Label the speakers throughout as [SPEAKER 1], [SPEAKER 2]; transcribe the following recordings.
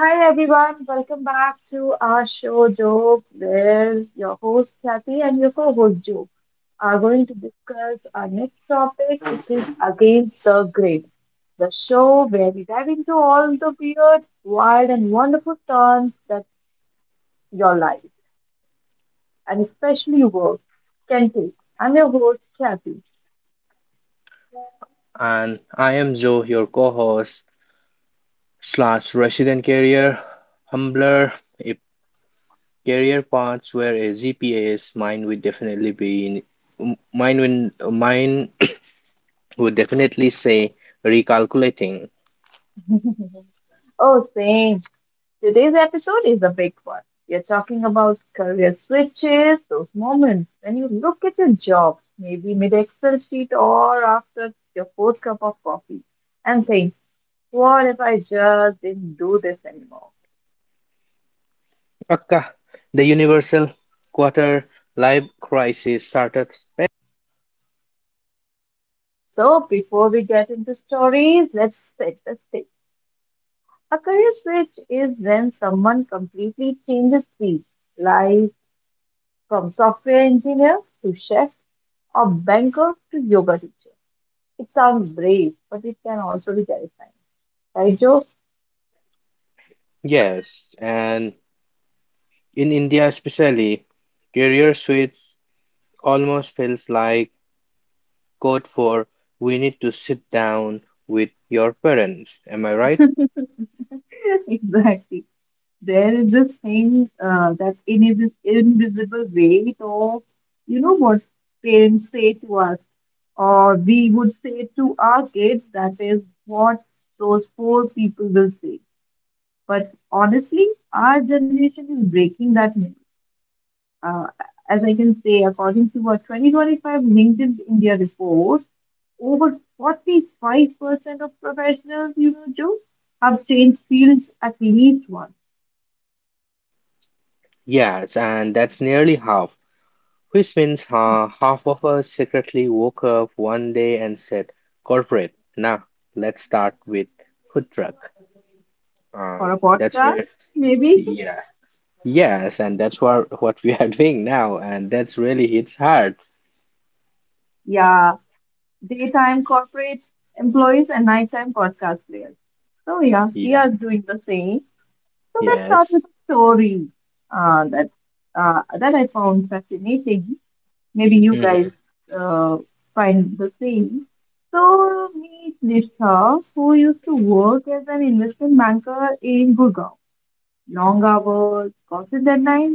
[SPEAKER 1] Hi everyone, welcome back to our show Joke, where your host Kathy and your co-host Joe are going to discuss our next topic, which is Against the Grain, the show where we dive into all the weird, wild, and wonderful turns that your life, and especially work, can take. I'm your host Kathy.
[SPEAKER 2] And I am Joe, your co-host slash resident career humbler. If career paths were a GPA's, mine would definitely be in, m- mine mine would definitely say recalculating.
[SPEAKER 1] Oh, same. Today's episode is a big one. We are talking about career switches, those moments when you look at your job, maybe mid Excel sheet or after your fourth cup of coffee, and think, what if I just didn't do this anymore?
[SPEAKER 2] Akka, the universal quarter life crisis started.
[SPEAKER 1] So, before we get into stories, let's set the stage. A career switch is when someone completely changes field, like from software engineer to chef or banker to yoga teacher. It sounds brave, but it can also be terrifying. Right, Joe?
[SPEAKER 2] Yes, and in India especially, career switch almost feels like code for we need to sit down with your parents. Am I right?
[SPEAKER 1] Exactly. There is this thing that in this invisible weight of, you know, what parents say to us, or we would say to our kids, that is what those four people will say. But honestly, our generation is breaking that myth. uh, as I can say, according to a 2025 LinkedIn India report, over 45% of professionals, you know, Joe, have changed fields at least once
[SPEAKER 2] Yes, and that's nearly half, which means half of us secretly woke up one day and said, corporate, now let's start with food truck.
[SPEAKER 1] for a
[SPEAKER 2] That's where,
[SPEAKER 1] podcast, maybe.
[SPEAKER 2] yeah, yes, and that's what we are doing now, and that's really hits hard.
[SPEAKER 1] Yeah, daytime corporate employees and nighttime podcast players. So, yeah, we
[SPEAKER 2] Yeah,
[SPEAKER 1] are doing the same. So, let's start with
[SPEAKER 2] yes.
[SPEAKER 1] a story uh, that, that I found fascinating. Maybe you
[SPEAKER 2] Mhm.
[SPEAKER 1] guys uh, find the same. So meet Nishtha, who used to work as an investment banker in Gurgaon. Long hours, constant deadlines.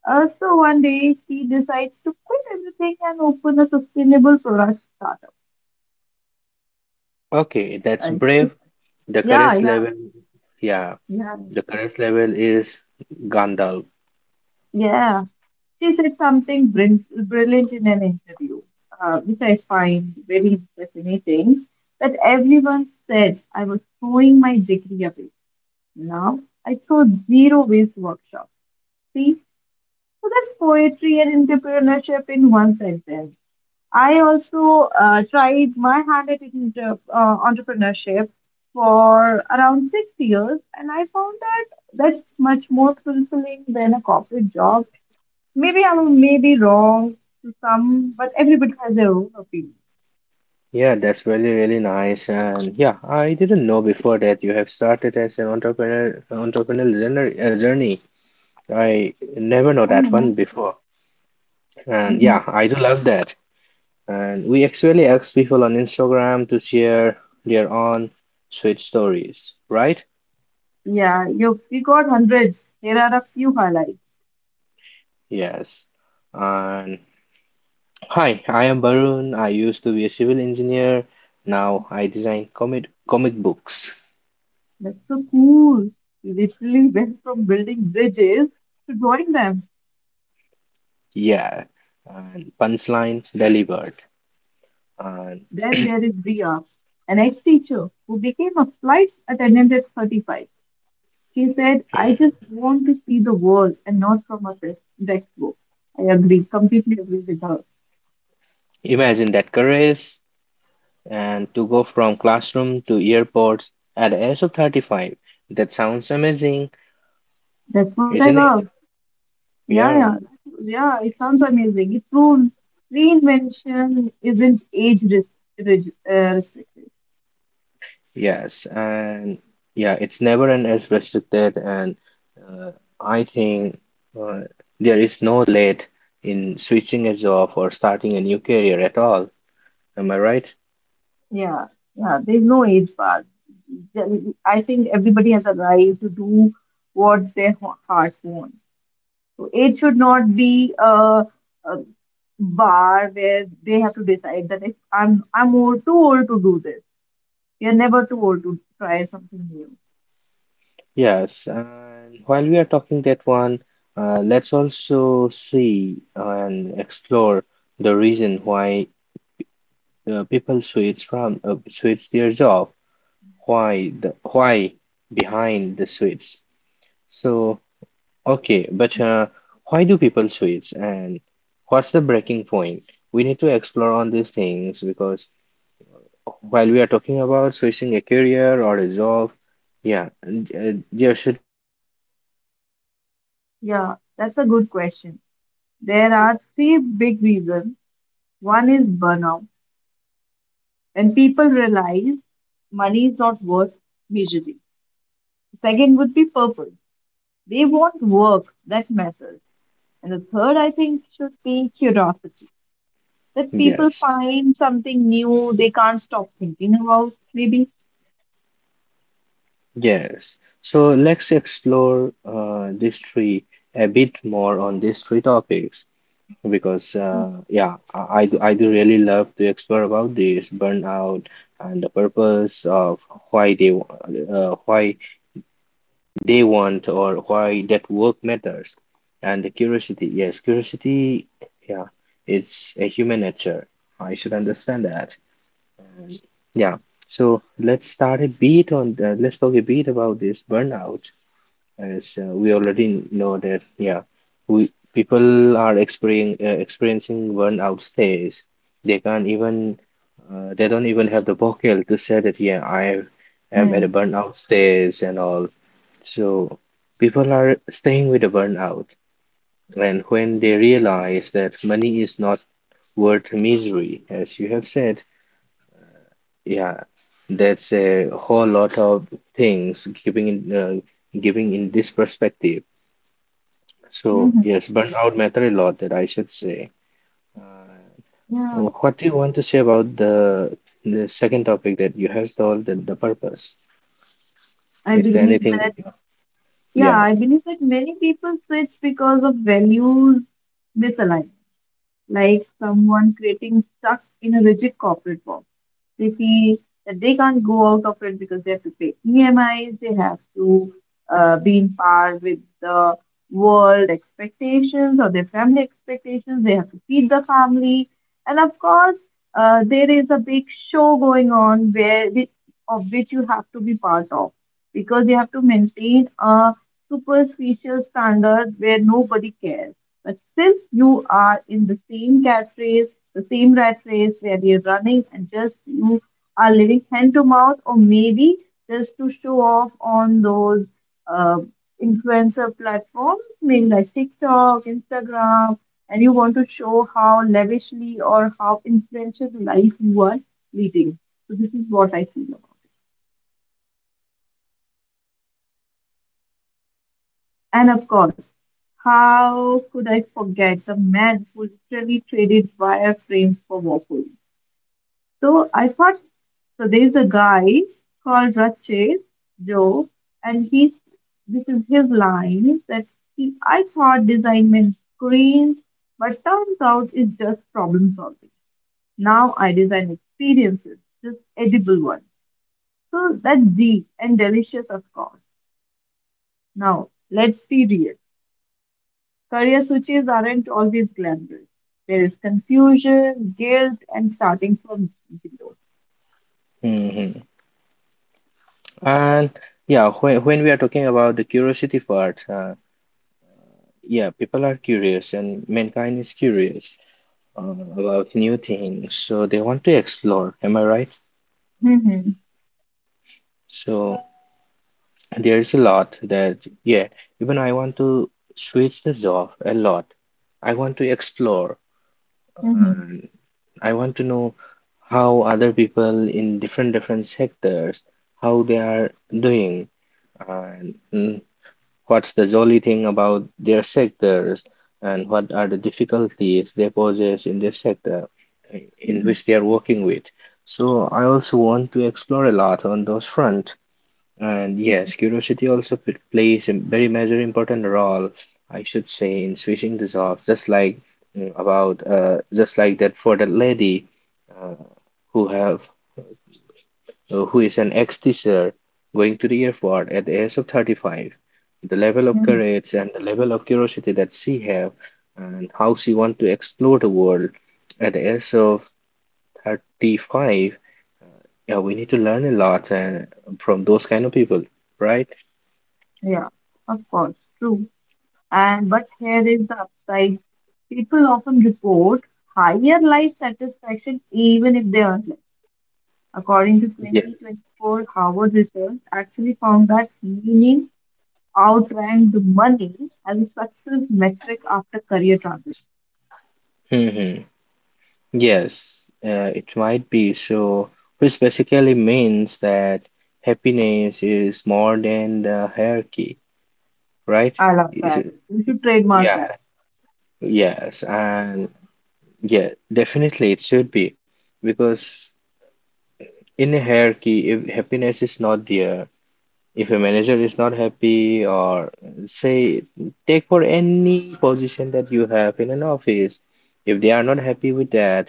[SPEAKER 1] So one day she decides to quit everything and open a sustainable product startup.
[SPEAKER 2] Okay, that's
[SPEAKER 1] And it's
[SPEAKER 2] brave. The
[SPEAKER 1] yeah,
[SPEAKER 2] courage
[SPEAKER 1] yeah,
[SPEAKER 2] level, yeah,
[SPEAKER 1] yeah,
[SPEAKER 2] the courage level is Gandalf.
[SPEAKER 1] yeah. She said something brilliant in an interview, which I find very fascinating. That everyone said I was throwing my degree away. Now I throw zero waste workshops. See, so that's poetry and entrepreneurship in one sentence. I also tried my hand at entrepreneurship for around 6 years, and I found that that's much more fulfilling than a corporate job. Maybe I may be wrong to some, but everybody has their own opinion.
[SPEAKER 2] Yeah, that's really, really nice. And yeah, I didn't know before that you have started as an entrepreneurial journey. I never know that
[SPEAKER 1] Mm-hmm.
[SPEAKER 2] one before. And
[SPEAKER 1] Mm-hmm.
[SPEAKER 2] yeah, I do love that. And we actually ask people on Instagram to share their own sweet stories, right?
[SPEAKER 1] Yeah, you we got hundreds. Here are a few highlights.
[SPEAKER 2] Yes. And hi, I am Barun. I used to be a civil engineer. Now I design comic books.
[SPEAKER 1] That's so cool. We literally went from building bridges to drawing them.
[SPEAKER 2] Yeah. And punchline delivered. And
[SPEAKER 1] Then there is Bria, an ex-teacher who became a flight attendant at 35. She said, I
[SPEAKER 2] mm,
[SPEAKER 1] just want to see the world and not from a textbook. I agree, completely agree with her.
[SPEAKER 2] imagine that courage and to go from classroom to airports at the age of 35. That sounds amazing,
[SPEAKER 1] That's what I
[SPEAKER 2] isn't
[SPEAKER 1] love.
[SPEAKER 2] it?
[SPEAKER 1] Yeah, yeah,
[SPEAKER 2] Yeah,
[SPEAKER 1] yeah. It sounds amazing. It proves reinvention isn't restrict.
[SPEAKER 2] yes. And yeah, it's never an age restricted. And uh, I think uh, there is no late in switching a job or starting a new career at all. Am I right?
[SPEAKER 1] Yeah, yeah. There's no age bar. Then I think everybody has a right to do what their heart wants. So age should not be a bar where they have to decide that if I'm old, too old to do this. You're never too old to try something new.
[SPEAKER 2] Yes. And while we are talking that one, let's also see and explore the reason why people switch from switch their job. Why the why behind the switch? So okay, but why do people switch, and what's the breaking point? We need to explore on these things because while we are talking about switching a career or a job, yeah, and there should be some turning point, and uh,
[SPEAKER 1] Yeah, that's a
[SPEAKER 2] definitely
[SPEAKER 1] good question.
[SPEAKER 2] definitely
[SPEAKER 1] There
[SPEAKER 2] yes, and
[SPEAKER 1] are three
[SPEAKER 2] definitely,
[SPEAKER 1] big reasons. One
[SPEAKER 2] mm-hmm,
[SPEAKER 1] is burnout,
[SPEAKER 2] yes,
[SPEAKER 1] when people realize money is not
[SPEAKER 2] mm-hmm,
[SPEAKER 1] worth measuring.
[SPEAKER 2] mm-hmm,
[SPEAKER 1] Second would be purpose. They want
[SPEAKER 2] mm-hmm,
[SPEAKER 1] work that matters. And the third, I think, should be curiosity. That people
[SPEAKER 2] yes.
[SPEAKER 1] find something new they can't stop thinking about, maybe.
[SPEAKER 2] Yes. So let's explore these three, a bit more on these three topics, because yeah, I do really love to explore about this burnout and the purpose of why they wa- why they want, or why that work matters, and the curiosity. Yes, curiosity. Yeah, it's a human nature. I should understand that. And yeah. So let's start a bit on let's talk a bit about this burnout, as we already know that yeah, we people are experiencing burnout stage, they can't even they don't even have the vocal to say that yeah, I am at a
[SPEAKER 1] Mhm.
[SPEAKER 2] burnout stage and all, so people are staying with the burnout. And when they realize that money is not worth misery as you have said, yeah, that's a whole lot of things giving in this perspective. So
[SPEAKER 1] Mhm.
[SPEAKER 2] yes, burnout out matter a lot, that I should say. Uh,
[SPEAKER 1] Yeah,
[SPEAKER 2] what do you want to say about the second topic that you have told, the purpose?
[SPEAKER 1] I
[SPEAKER 2] Is there
[SPEAKER 1] believe
[SPEAKER 2] anything that
[SPEAKER 1] that.
[SPEAKER 2] you,
[SPEAKER 1] Yeah,
[SPEAKER 2] yeah.
[SPEAKER 1] I believe that many people switch because of values misaligned, like someone creating stuck in a rigid corporate box. They feel that they can't go out of it because they have to pay EMIs, they have to be in par with the world expectations or their family expectations, they have to feed the family. And of course, there is a big show going on where which, of which you have to be part of because you have to maintain a superficial standard where nobody cares, but since you are in the same cat race, the same rat race where you're running and just you are living hand to mouth, or maybe just to show off on those uh, influencer platforms, maybe like TikTok, Instagram, and you want to show how lavishly or how influential life you are leading. So this is what I feel about. And of course, how could I forget the man who literally traded wireframes for waffles? So I thought, so there's a guy called Raches Joe, and he's this is his line that I thought design meant screens, but turns out it's just problem solving. Now I design experiences, just edible ones. So that's deep and delicious, of course. Now let's be real. Career switches aren't always glamorous. There is confusion, guilt, and starting from zero.
[SPEAKER 2] Hmm. And yeah, when we are talking about the curiosity part, yeah, people are curious, and mankind is curious uh, about new things. So they want to explore. Am I right?
[SPEAKER 1] Mm-hmm.
[SPEAKER 2] So there is a lot that, yeah, even I want to switch the job a lot. I want to explore,
[SPEAKER 1] Mm-hmm.
[SPEAKER 2] and I want to know how other people in different different sectors, how they are doing, and mm, what's the jolly thing about their sectors, and what are the difficulties they possess in their sector in
[SPEAKER 1] Mm-hmm.
[SPEAKER 2] which they are working with? So I also want to explore a lot on those front. And yes, curiosity also plays a very major important role, I should say, in switching the jobs, just like mm, about just like that for the lady uh, who have who is an ex teacher going to the airport at the age of 35, the level of
[SPEAKER 1] Mhm.
[SPEAKER 2] courage and the level of curiosity that she have, and how she want to explore the world at the age of 35, yeah, we need to learn a lot, and from those kind of people, right?
[SPEAKER 1] Yeah, of course, true. And but here is the upside. People often report higher life satisfaction even if they earn less. According to
[SPEAKER 2] Yeah.
[SPEAKER 1] 2024 Harvard research, actually found that meaning outranked money as a success metric after career transition.
[SPEAKER 2] Hmm. Yes, it might be so, which basically means that happiness is more than the hierarchy, right?
[SPEAKER 1] I love
[SPEAKER 2] Is
[SPEAKER 1] that.
[SPEAKER 2] it-
[SPEAKER 1] You should trademark
[SPEAKER 2] yeah,
[SPEAKER 1] that.
[SPEAKER 2] yes, and yeah, definitely it should be, because in a hierarchy, if happiness is not there, if a manager is not happy, or say, take for any position that you have in an office, if they are not happy with that,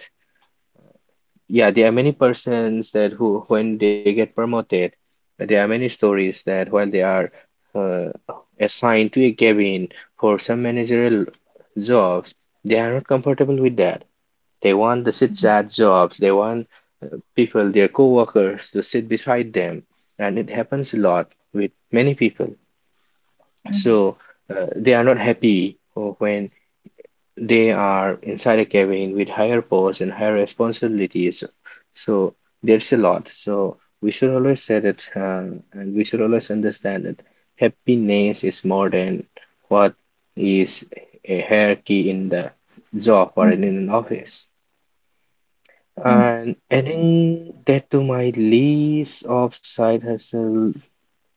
[SPEAKER 2] yeah, there are many persons that who, when they get promoted, there are many stories that while they are uh, assigned to a cabin for some managerial jobs, they are not comfortable with that. They want the sit
[SPEAKER 1] Mhm,
[SPEAKER 2] at jobs. They want people, their coworkers, to sit beside them, and it happens a lot with many people.
[SPEAKER 1] mhm,
[SPEAKER 2] So they are not happy when they are inside a cabin with higher posts and higher responsibilities. So there's a lot. So we should always say that, and we should always understand that happiness is more than what is a hierarchy in the job or in
[SPEAKER 1] mhm,
[SPEAKER 2] an office.
[SPEAKER 1] mhm.
[SPEAKER 2] And adding that to my list of side hustle,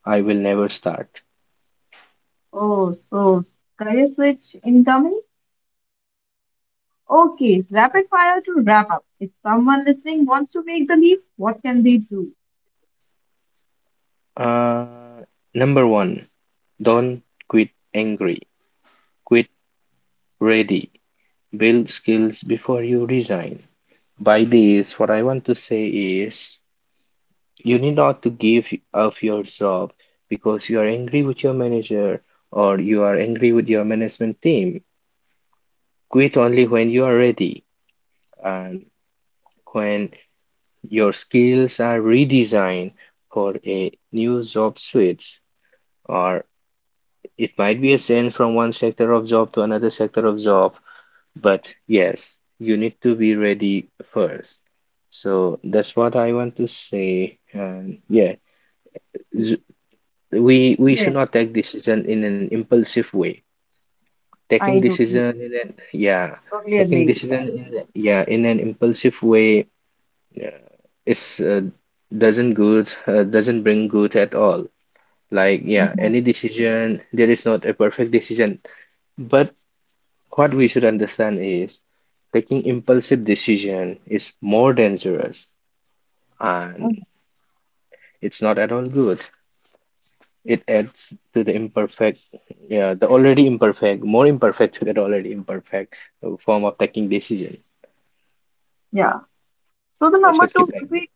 [SPEAKER 2] I will never start.
[SPEAKER 1] Oh, so career switch incoming? Okay, rapid fire to wrap up. If someone listening wants to make the leap, what can they do?
[SPEAKER 2] Uh, Number one, don't quit angry. Quit ready. Build skills before you resign. By this, what I want to say is, you need not to give up your job because you are angry with your manager, or you are angry with your management team. Quit only when you are ready, and when your skills are redesigned for a new job switch, or it might be a change from one sector of job to another sector of job. But yes, you need to be ready first. So that's what I want to say. And yeah, z- we
[SPEAKER 1] Yes,
[SPEAKER 2] should not take decision in an impulsive way. Taking
[SPEAKER 1] I totally,
[SPEAKER 2] decision in an yeah,
[SPEAKER 1] totally
[SPEAKER 2] taking
[SPEAKER 1] agree with
[SPEAKER 2] decision
[SPEAKER 1] that.
[SPEAKER 2] yeah, in an impulsive way. Yeah, it's doesn't bring good at all. Like yeah,
[SPEAKER 1] Mhm,
[SPEAKER 2] any decision there is not a perfect decision, but what we should understand is taking impulsive decision is more dangerous,
[SPEAKER 1] mhm.
[SPEAKER 2] and it's not at all good. It adds to the imperfect, yeah, the already imperfect, more imperfect to that already imperfect form of taking decision.
[SPEAKER 1] Yeah. So the
[SPEAKER 2] I
[SPEAKER 1] number
[SPEAKER 2] should
[SPEAKER 1] two
[SPEAKER 2] keep
[SPEAKER 1] would
[SPEAKER 2] like this.
[SPEAKER 1] be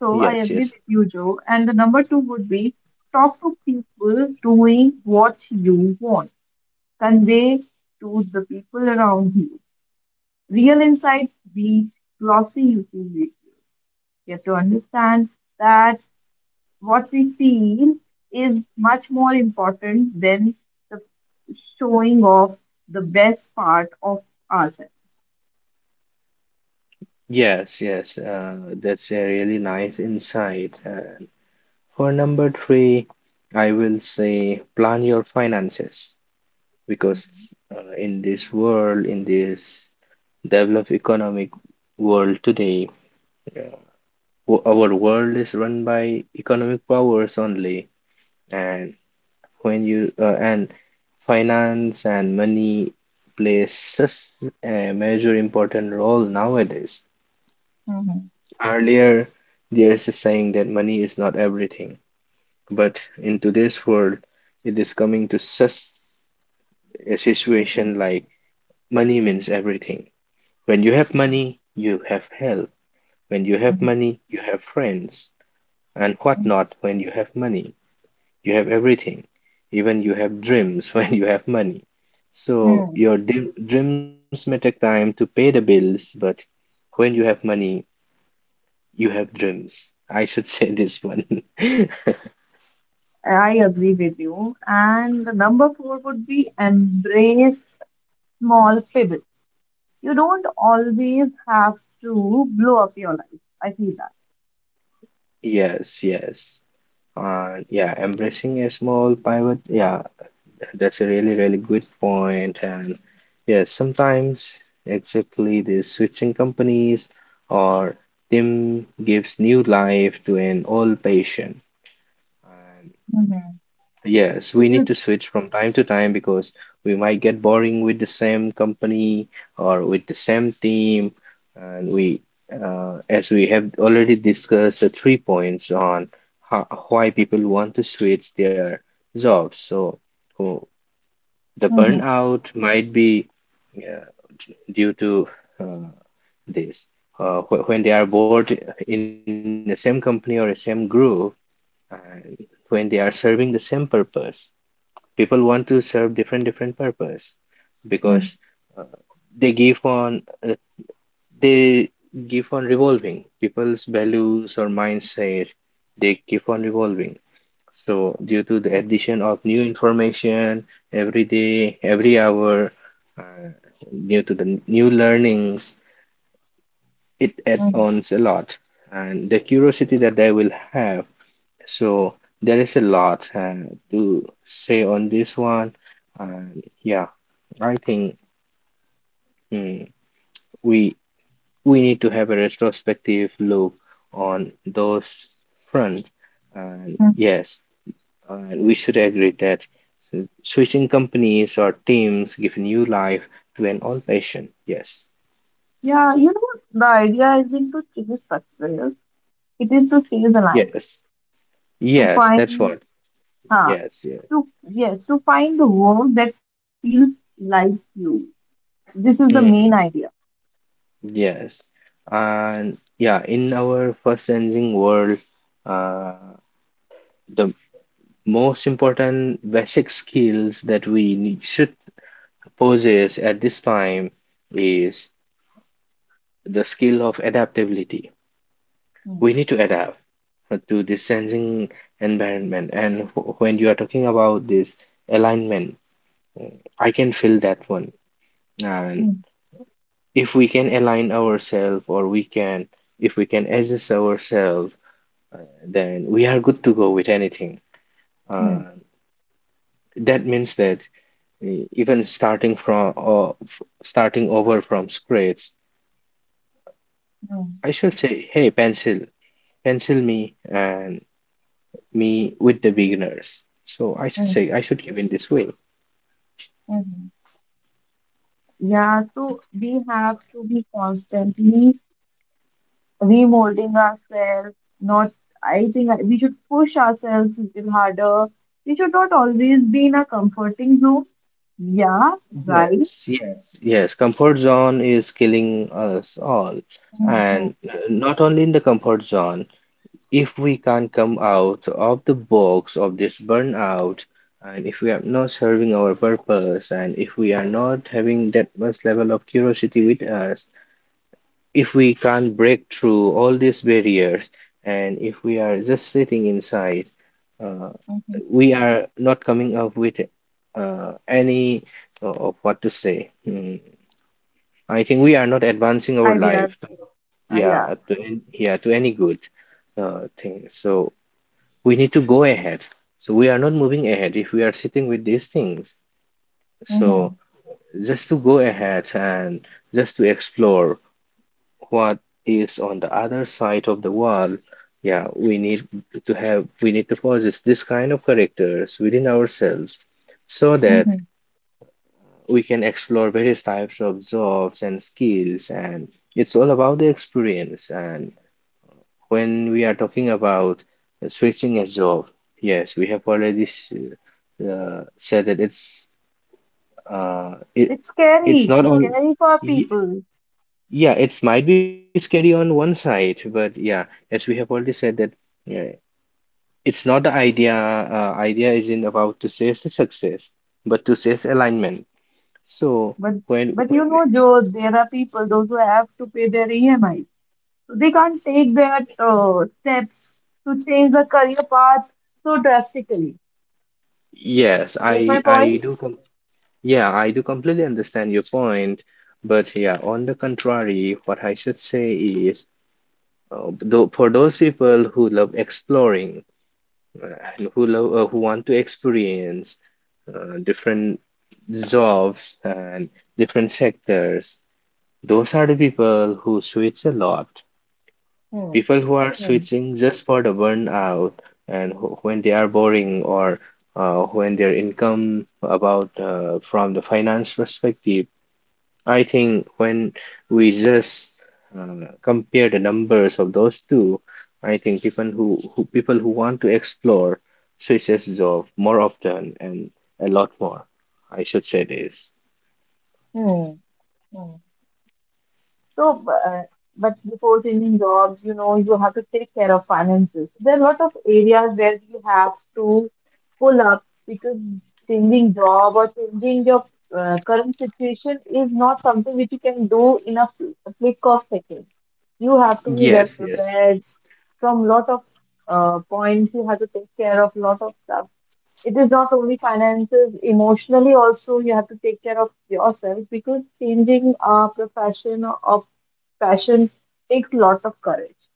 [SPEAKER 1] I
[SPEAKER 2] Yes,
[SPEAKER 1] agree
[SPEAKER 2] yes.
[SPEAKER 1] with you, Joe. And the number two would be talk to people doing what you want. Convey to the people around you. Real insights beats glossy YouTube videos. You have to understand that what we feel is much more important than the showing off the best part of ourselves.
[SPEAKER 2] Yes, yes, that's a really nice insight. For number three, I will say plan your finances, because in this world, in this developed economic world today, uh, our world is run by economic powers only, and when you and finance and money plays such a major important role nowadays.
[SPEAKER 1] Mm-hmm.
[SPEAKER 2] Earlier, there's a saying that money is not everything. But in today's world, it is coming to such a situation like money means everything. When you have money, you have health. When you have
[SPEAKER 1] Mm-hmm.
[SPEAKER 2] money, you have friends and whatnot. When you have money, you have everything. Even you have dreams when you have money. So
[SPEAKER 1] Hmm,
[SPEAKER 2] your dreams may take time to pay the bills, but when you have money, you have dreams. I should say this one.
[SPEAKER 1] I agree with you. And the number four would be embrace small pivots. You don't always have to blow up your life. I feel that.
[SPEAKER 2] Yes, yes. Yeah, embracing a small pivot. Yeah, that's a really, really good point. And yes, sometimes exactly this switching companies or team gives new life to an old patient. And
[SPEAKER 1] Mhm.
[SPEAKER 2] yes, we need
[SPEAKER 1] You
[SPEAKER 2] to switch from time to time, because we might get boring with the same company or with the same team. And we, as we have already discussed the three points on how, why people want to switch their jobs. So, who the
[SPEAKER 1] mhm,
[SPEAKER 2] burnout might be uh, due to uh, this. When they are bored in the same company or the same group, and when they are serving the same purpose, people want to serve different different purpose, because
[SPEAKER 1] mhm,
[SPEAKER 2] uh, they give on uh, they give on revolving people's values or mindset, they keep on revolving. So due to the addition of new information every day every hour, uh, due to the new learnings, it adds
[SPEAKER 1] mhm,
[SPEAKER 2] on a lot, and the curiosity that they will have. So there is a lot and to say on this one. And yeah, I think mm, we we need to have a retrospective look on those fronts. And
[SPEAKER 1] mhm.
[SPEAKER 2] yes, and we should agree that switching companies or teams give new life to an old patient. Yes,
[SPEAKER 1] Yeah, the idea isn't to chase success, it is to chase alignment.
[SPEAKER 2] yes,
[SPEAKER 1] To
[SPEAKER 2] yes. That's
[SPEAKER 1] find
[SPEAKER 2] what.
[SPEAKER 1] huh,
[SPEAKER 2] Yes,
[SPEAKER 1] to yes to find the work that feels like you, this is the main
[SPEAKER 2] yes.
[SPEAKER 1] idea.
[SPEAKER 2] Yes, and yeah, in our first sensing world, uh, the most important basic skills that we need, should possess at this time is the skill of adaptability.
[SPEAKER 1] Hmm,
[SPEAKER 2] We need to adapt to the sensing environment. And when you are talking about this alignment, I can feel that one. And
[SPEAKER 1] hmm,
[SPEAKER 2] if we can align ourselves, or we can, if we can adjust ourselves uh, then we are good to go with anything. Uh,
[SPEAKER 1] hmm,
[SPEAKER 2] that means that even starting from starting over from scratch,
[SPEAKER 1] hmm,
[SPEAKER 2] I should say, hey, pencil, pencil me and me with the beginners. So I should
[SPEAKER 1] hmm,
[SPEAKER 2] say I should give in this way.
[SPEAKER 1] hmm. Yeah, so we have to be constantly remolding ourselves, not, we should push ourselves a little harder, we should not always be in a comforting zone, yeah, right.
[SPEAKER 2] Yes, yes, yes. Comfort zone is killing us all,
[SPEAKER 1] Mhm,
[SPEAKER 2] and not only in the comfort zone. If we can't come out of the box of this burnout, and if we are not serving our purpose, and if we are not having that much level of curiosity with us, if we can't break through all these barriers, and if we are just sitting inside, uh,
[SPEAKER 1] mhm.
[SPEAKER 2] we are not coming up with any of what to say. Hmm. I think we are not advancing our
[SPEAKER 1] Ideas,
[SPEAKER 2] life,
[SPEAKER 1] yeah.
[SPEAKER 2] yeah, yeah, to any good thing. So we need to go ahead. So we are not moving ahead if we are sitting with these things. So just to go ahead and just to explore what is on the other side of the wall, yeah, we need to have, we need to possess this kind of characters within ourselves so that
[SPEAKER 1] Mm-hmm.
[SPEAKER 2] we can explore various types of jobs and skills. And it's all about the experience. And when we are talking about switching a job, yes, we have already said that uh, it it's not
[SPEAKER 1] It's
[SPEAKER 2] on.
[SPEAKER 1] scary for
[SPEAKER 2] y-
[SPEAKER 1] people.
[SPEAKER 2] Yeah, it might be scary on one side, but yeah, as we have already said that yeah, it's not the idea. Idea isn't about to chase the success, but to chase alignment. So
[SPEAKER 1] But
[SPEAKER 2] when
[SPEAKER 1] but you
[SPEAKER 2] when
[SPEAKER 1] know,
[SPEAKER 2] we-
[SPEAKER 1] Joe, there are people those who have to pay their EMI, so they can't take that steps to change the career path so drastically.
[SPEAKER 2] yes,
[SPEAKER 1] You get
[SPEAKER 2] I
[SPEAKER 1] my point?
[SPEAKER 2] I do come. Yeah, I do completely understand your point, but yeah, on the contrary, what I should say is, though, for those people who love exploring uh, and who love who want to experience different jobs and different sectors, those are the people who switch a lot.
[SPEAKER 1] Hmm.
[SPEAKER 2] People who are
[SPEAKER 1] Hmm.
[SPEAKER 2] switching just for the burnout and wh when they are boring or when their income about from the finance perspective I think when we just uh, compare the numbers of those two, I think people who want to explore switches job more often and a lot more. I should say this.
[SPEAKER 1] Hmm. So, but before changing jobs, you know, you have to take care of finances. There are a lot of areas where you have to pull up, because changing job or changing your current situation is not something which you can do in a a flick of second. You have to be well
[SPEAKER 2] Yes, yes.
[SPEAKER 1] prepared from lot of points. You have to take care of lot of stuff. It is not only finances, emotionally also you have to take care of yourself, because changing a profession of passion takes lot of courage,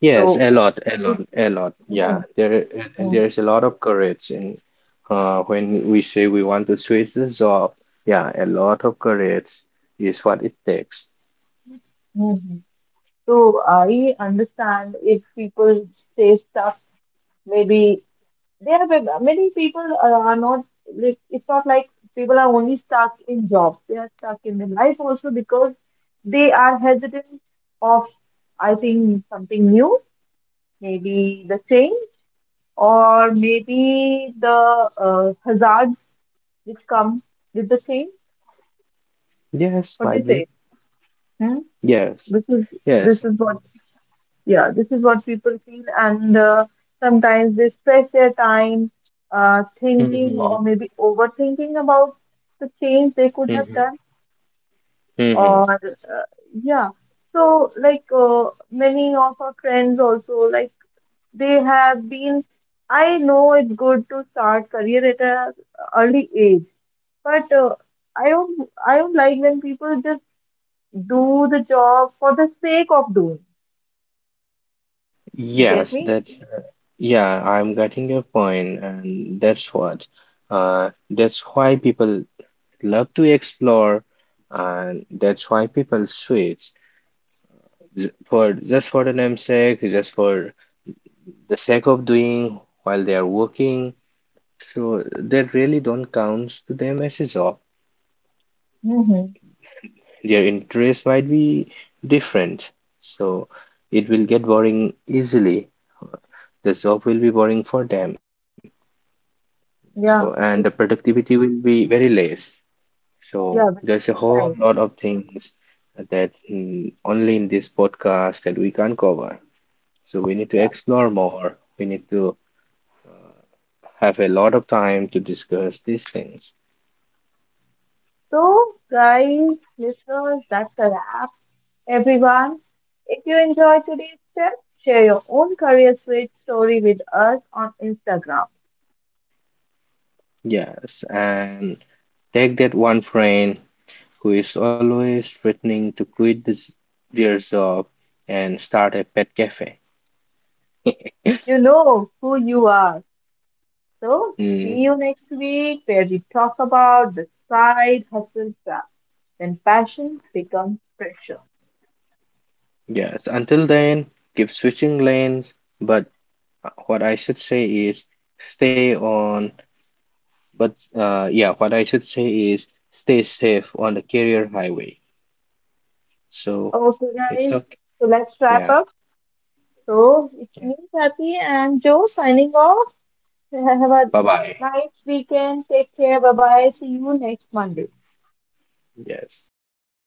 [SPEAKER 2] Yes,
[SPEAKER 1] so
[SPEAKER 2] a lot, a
[SPEAKER 1] this,
[SPEAKER 2] lot, a lot. Yeah,
[SPEAKER 1] mhm,
[SPEAKER 2] there and
[SPEAKER 1] mhm,
[SPEAKER 2] there is a lot of courage in when we say we want to switch the job. Yeah, a lot of courage is what it takes.
[SPEAKER 1] mhm. So I understand if people stay stuck, maybe there are, but many people are not, like, it's not like people are only stuck in jobs, they are stuck in their life also because they are hesitant of, I think, something new, maybe the trains, or maybe the hazards which come with the train.
[SPEAKER 2] Yes,
[SPEAKER 1] What do you
[SPEAKER 2] might be.
[SPEAKER 1] say? Hmm?
[SPEAKER 2] Yes,
[SPEAKER 1] This is this
[SPEAKER 2] yes.
[SPEAKER 1] is what, yeah, this is what people feel, and sometimes they stress their time thinking
[SPEAKER 2] Mhm.
[SPEAKER 1] or maybe overthinking about the change they could have
[SPEAKER 2] Mhm,
[SPEAKER 1] done,
[SPEAKER 2] mhm.
[SPEAKER 1] or yeah. So like many of our friends also, like, they have been, I know it's good to start career at a early age, but I don't like when people just do the job for the sake of doing, you get
[SPEAKER 2] Yes,
[SPEAKER 1] me.
[SPEAKER 2] that's yeah, I'm getting your point, and that's what that's why people love to explore and that's why people switch for just for the namesake, just for the sake of doing while they are working. So that really don't counts to them as a job.
[SPEAKER 1] Mm-hmm.
[SPEAKER 2] Their interests might be different, so it will get boring easily. The job will be boring for them. So, and
[SPEAKER 1] Yeah
[SPEAKER 2] the
[SPEAKER 1] it,
[SPEAKER 2] productivity will be very less. So,
[SPEAKER 1] yeah with
[SPEAKER 2] there's a whole lot
[SPEAKER 1] time,
[SPEAKER 2] of things that only in this podcast that we can cover. So, we need to
[SPEAKER 1] yeah.
[SPEAKER 2] explore more. We need to have a lot of time to discuss these things.
[SPEAKER 1] So guys, listeners, that's a wrap everyone. If you enjoyed today's chat, share your own career switch story with us on Instagram.
[SPEAKER 2] Yes, and take that one friend who is always threatening to quit this their job and start a pet cafe.
[SPEAKER 1] You know who you are. So, see
[SPEAKER 2] Mm,
[SPEAKER 1] you next week where we talk about the side hustle trap, when passion becomes pressure.
[SPEAKER 2] yes, until then, keep switching lanes, but What I should say is stay on, but yeah, what I should say is stay safe on the career highway. So
[SPEAKER 1] Okay, guys,
[SPEAKER 2] it's okay.
[SPEAKER 1] so let's wrap
[SPEAKER 2] Yeah.
[SPEAKER 1] up. So, it's me, Kathy, and Joe signing off. Have a
[SPEAKER 2] Bye bye.
[SPEAKER 1] nice weekend. Take care. Bye bye. See you next Monday.
[SPEAKER 2] Yes.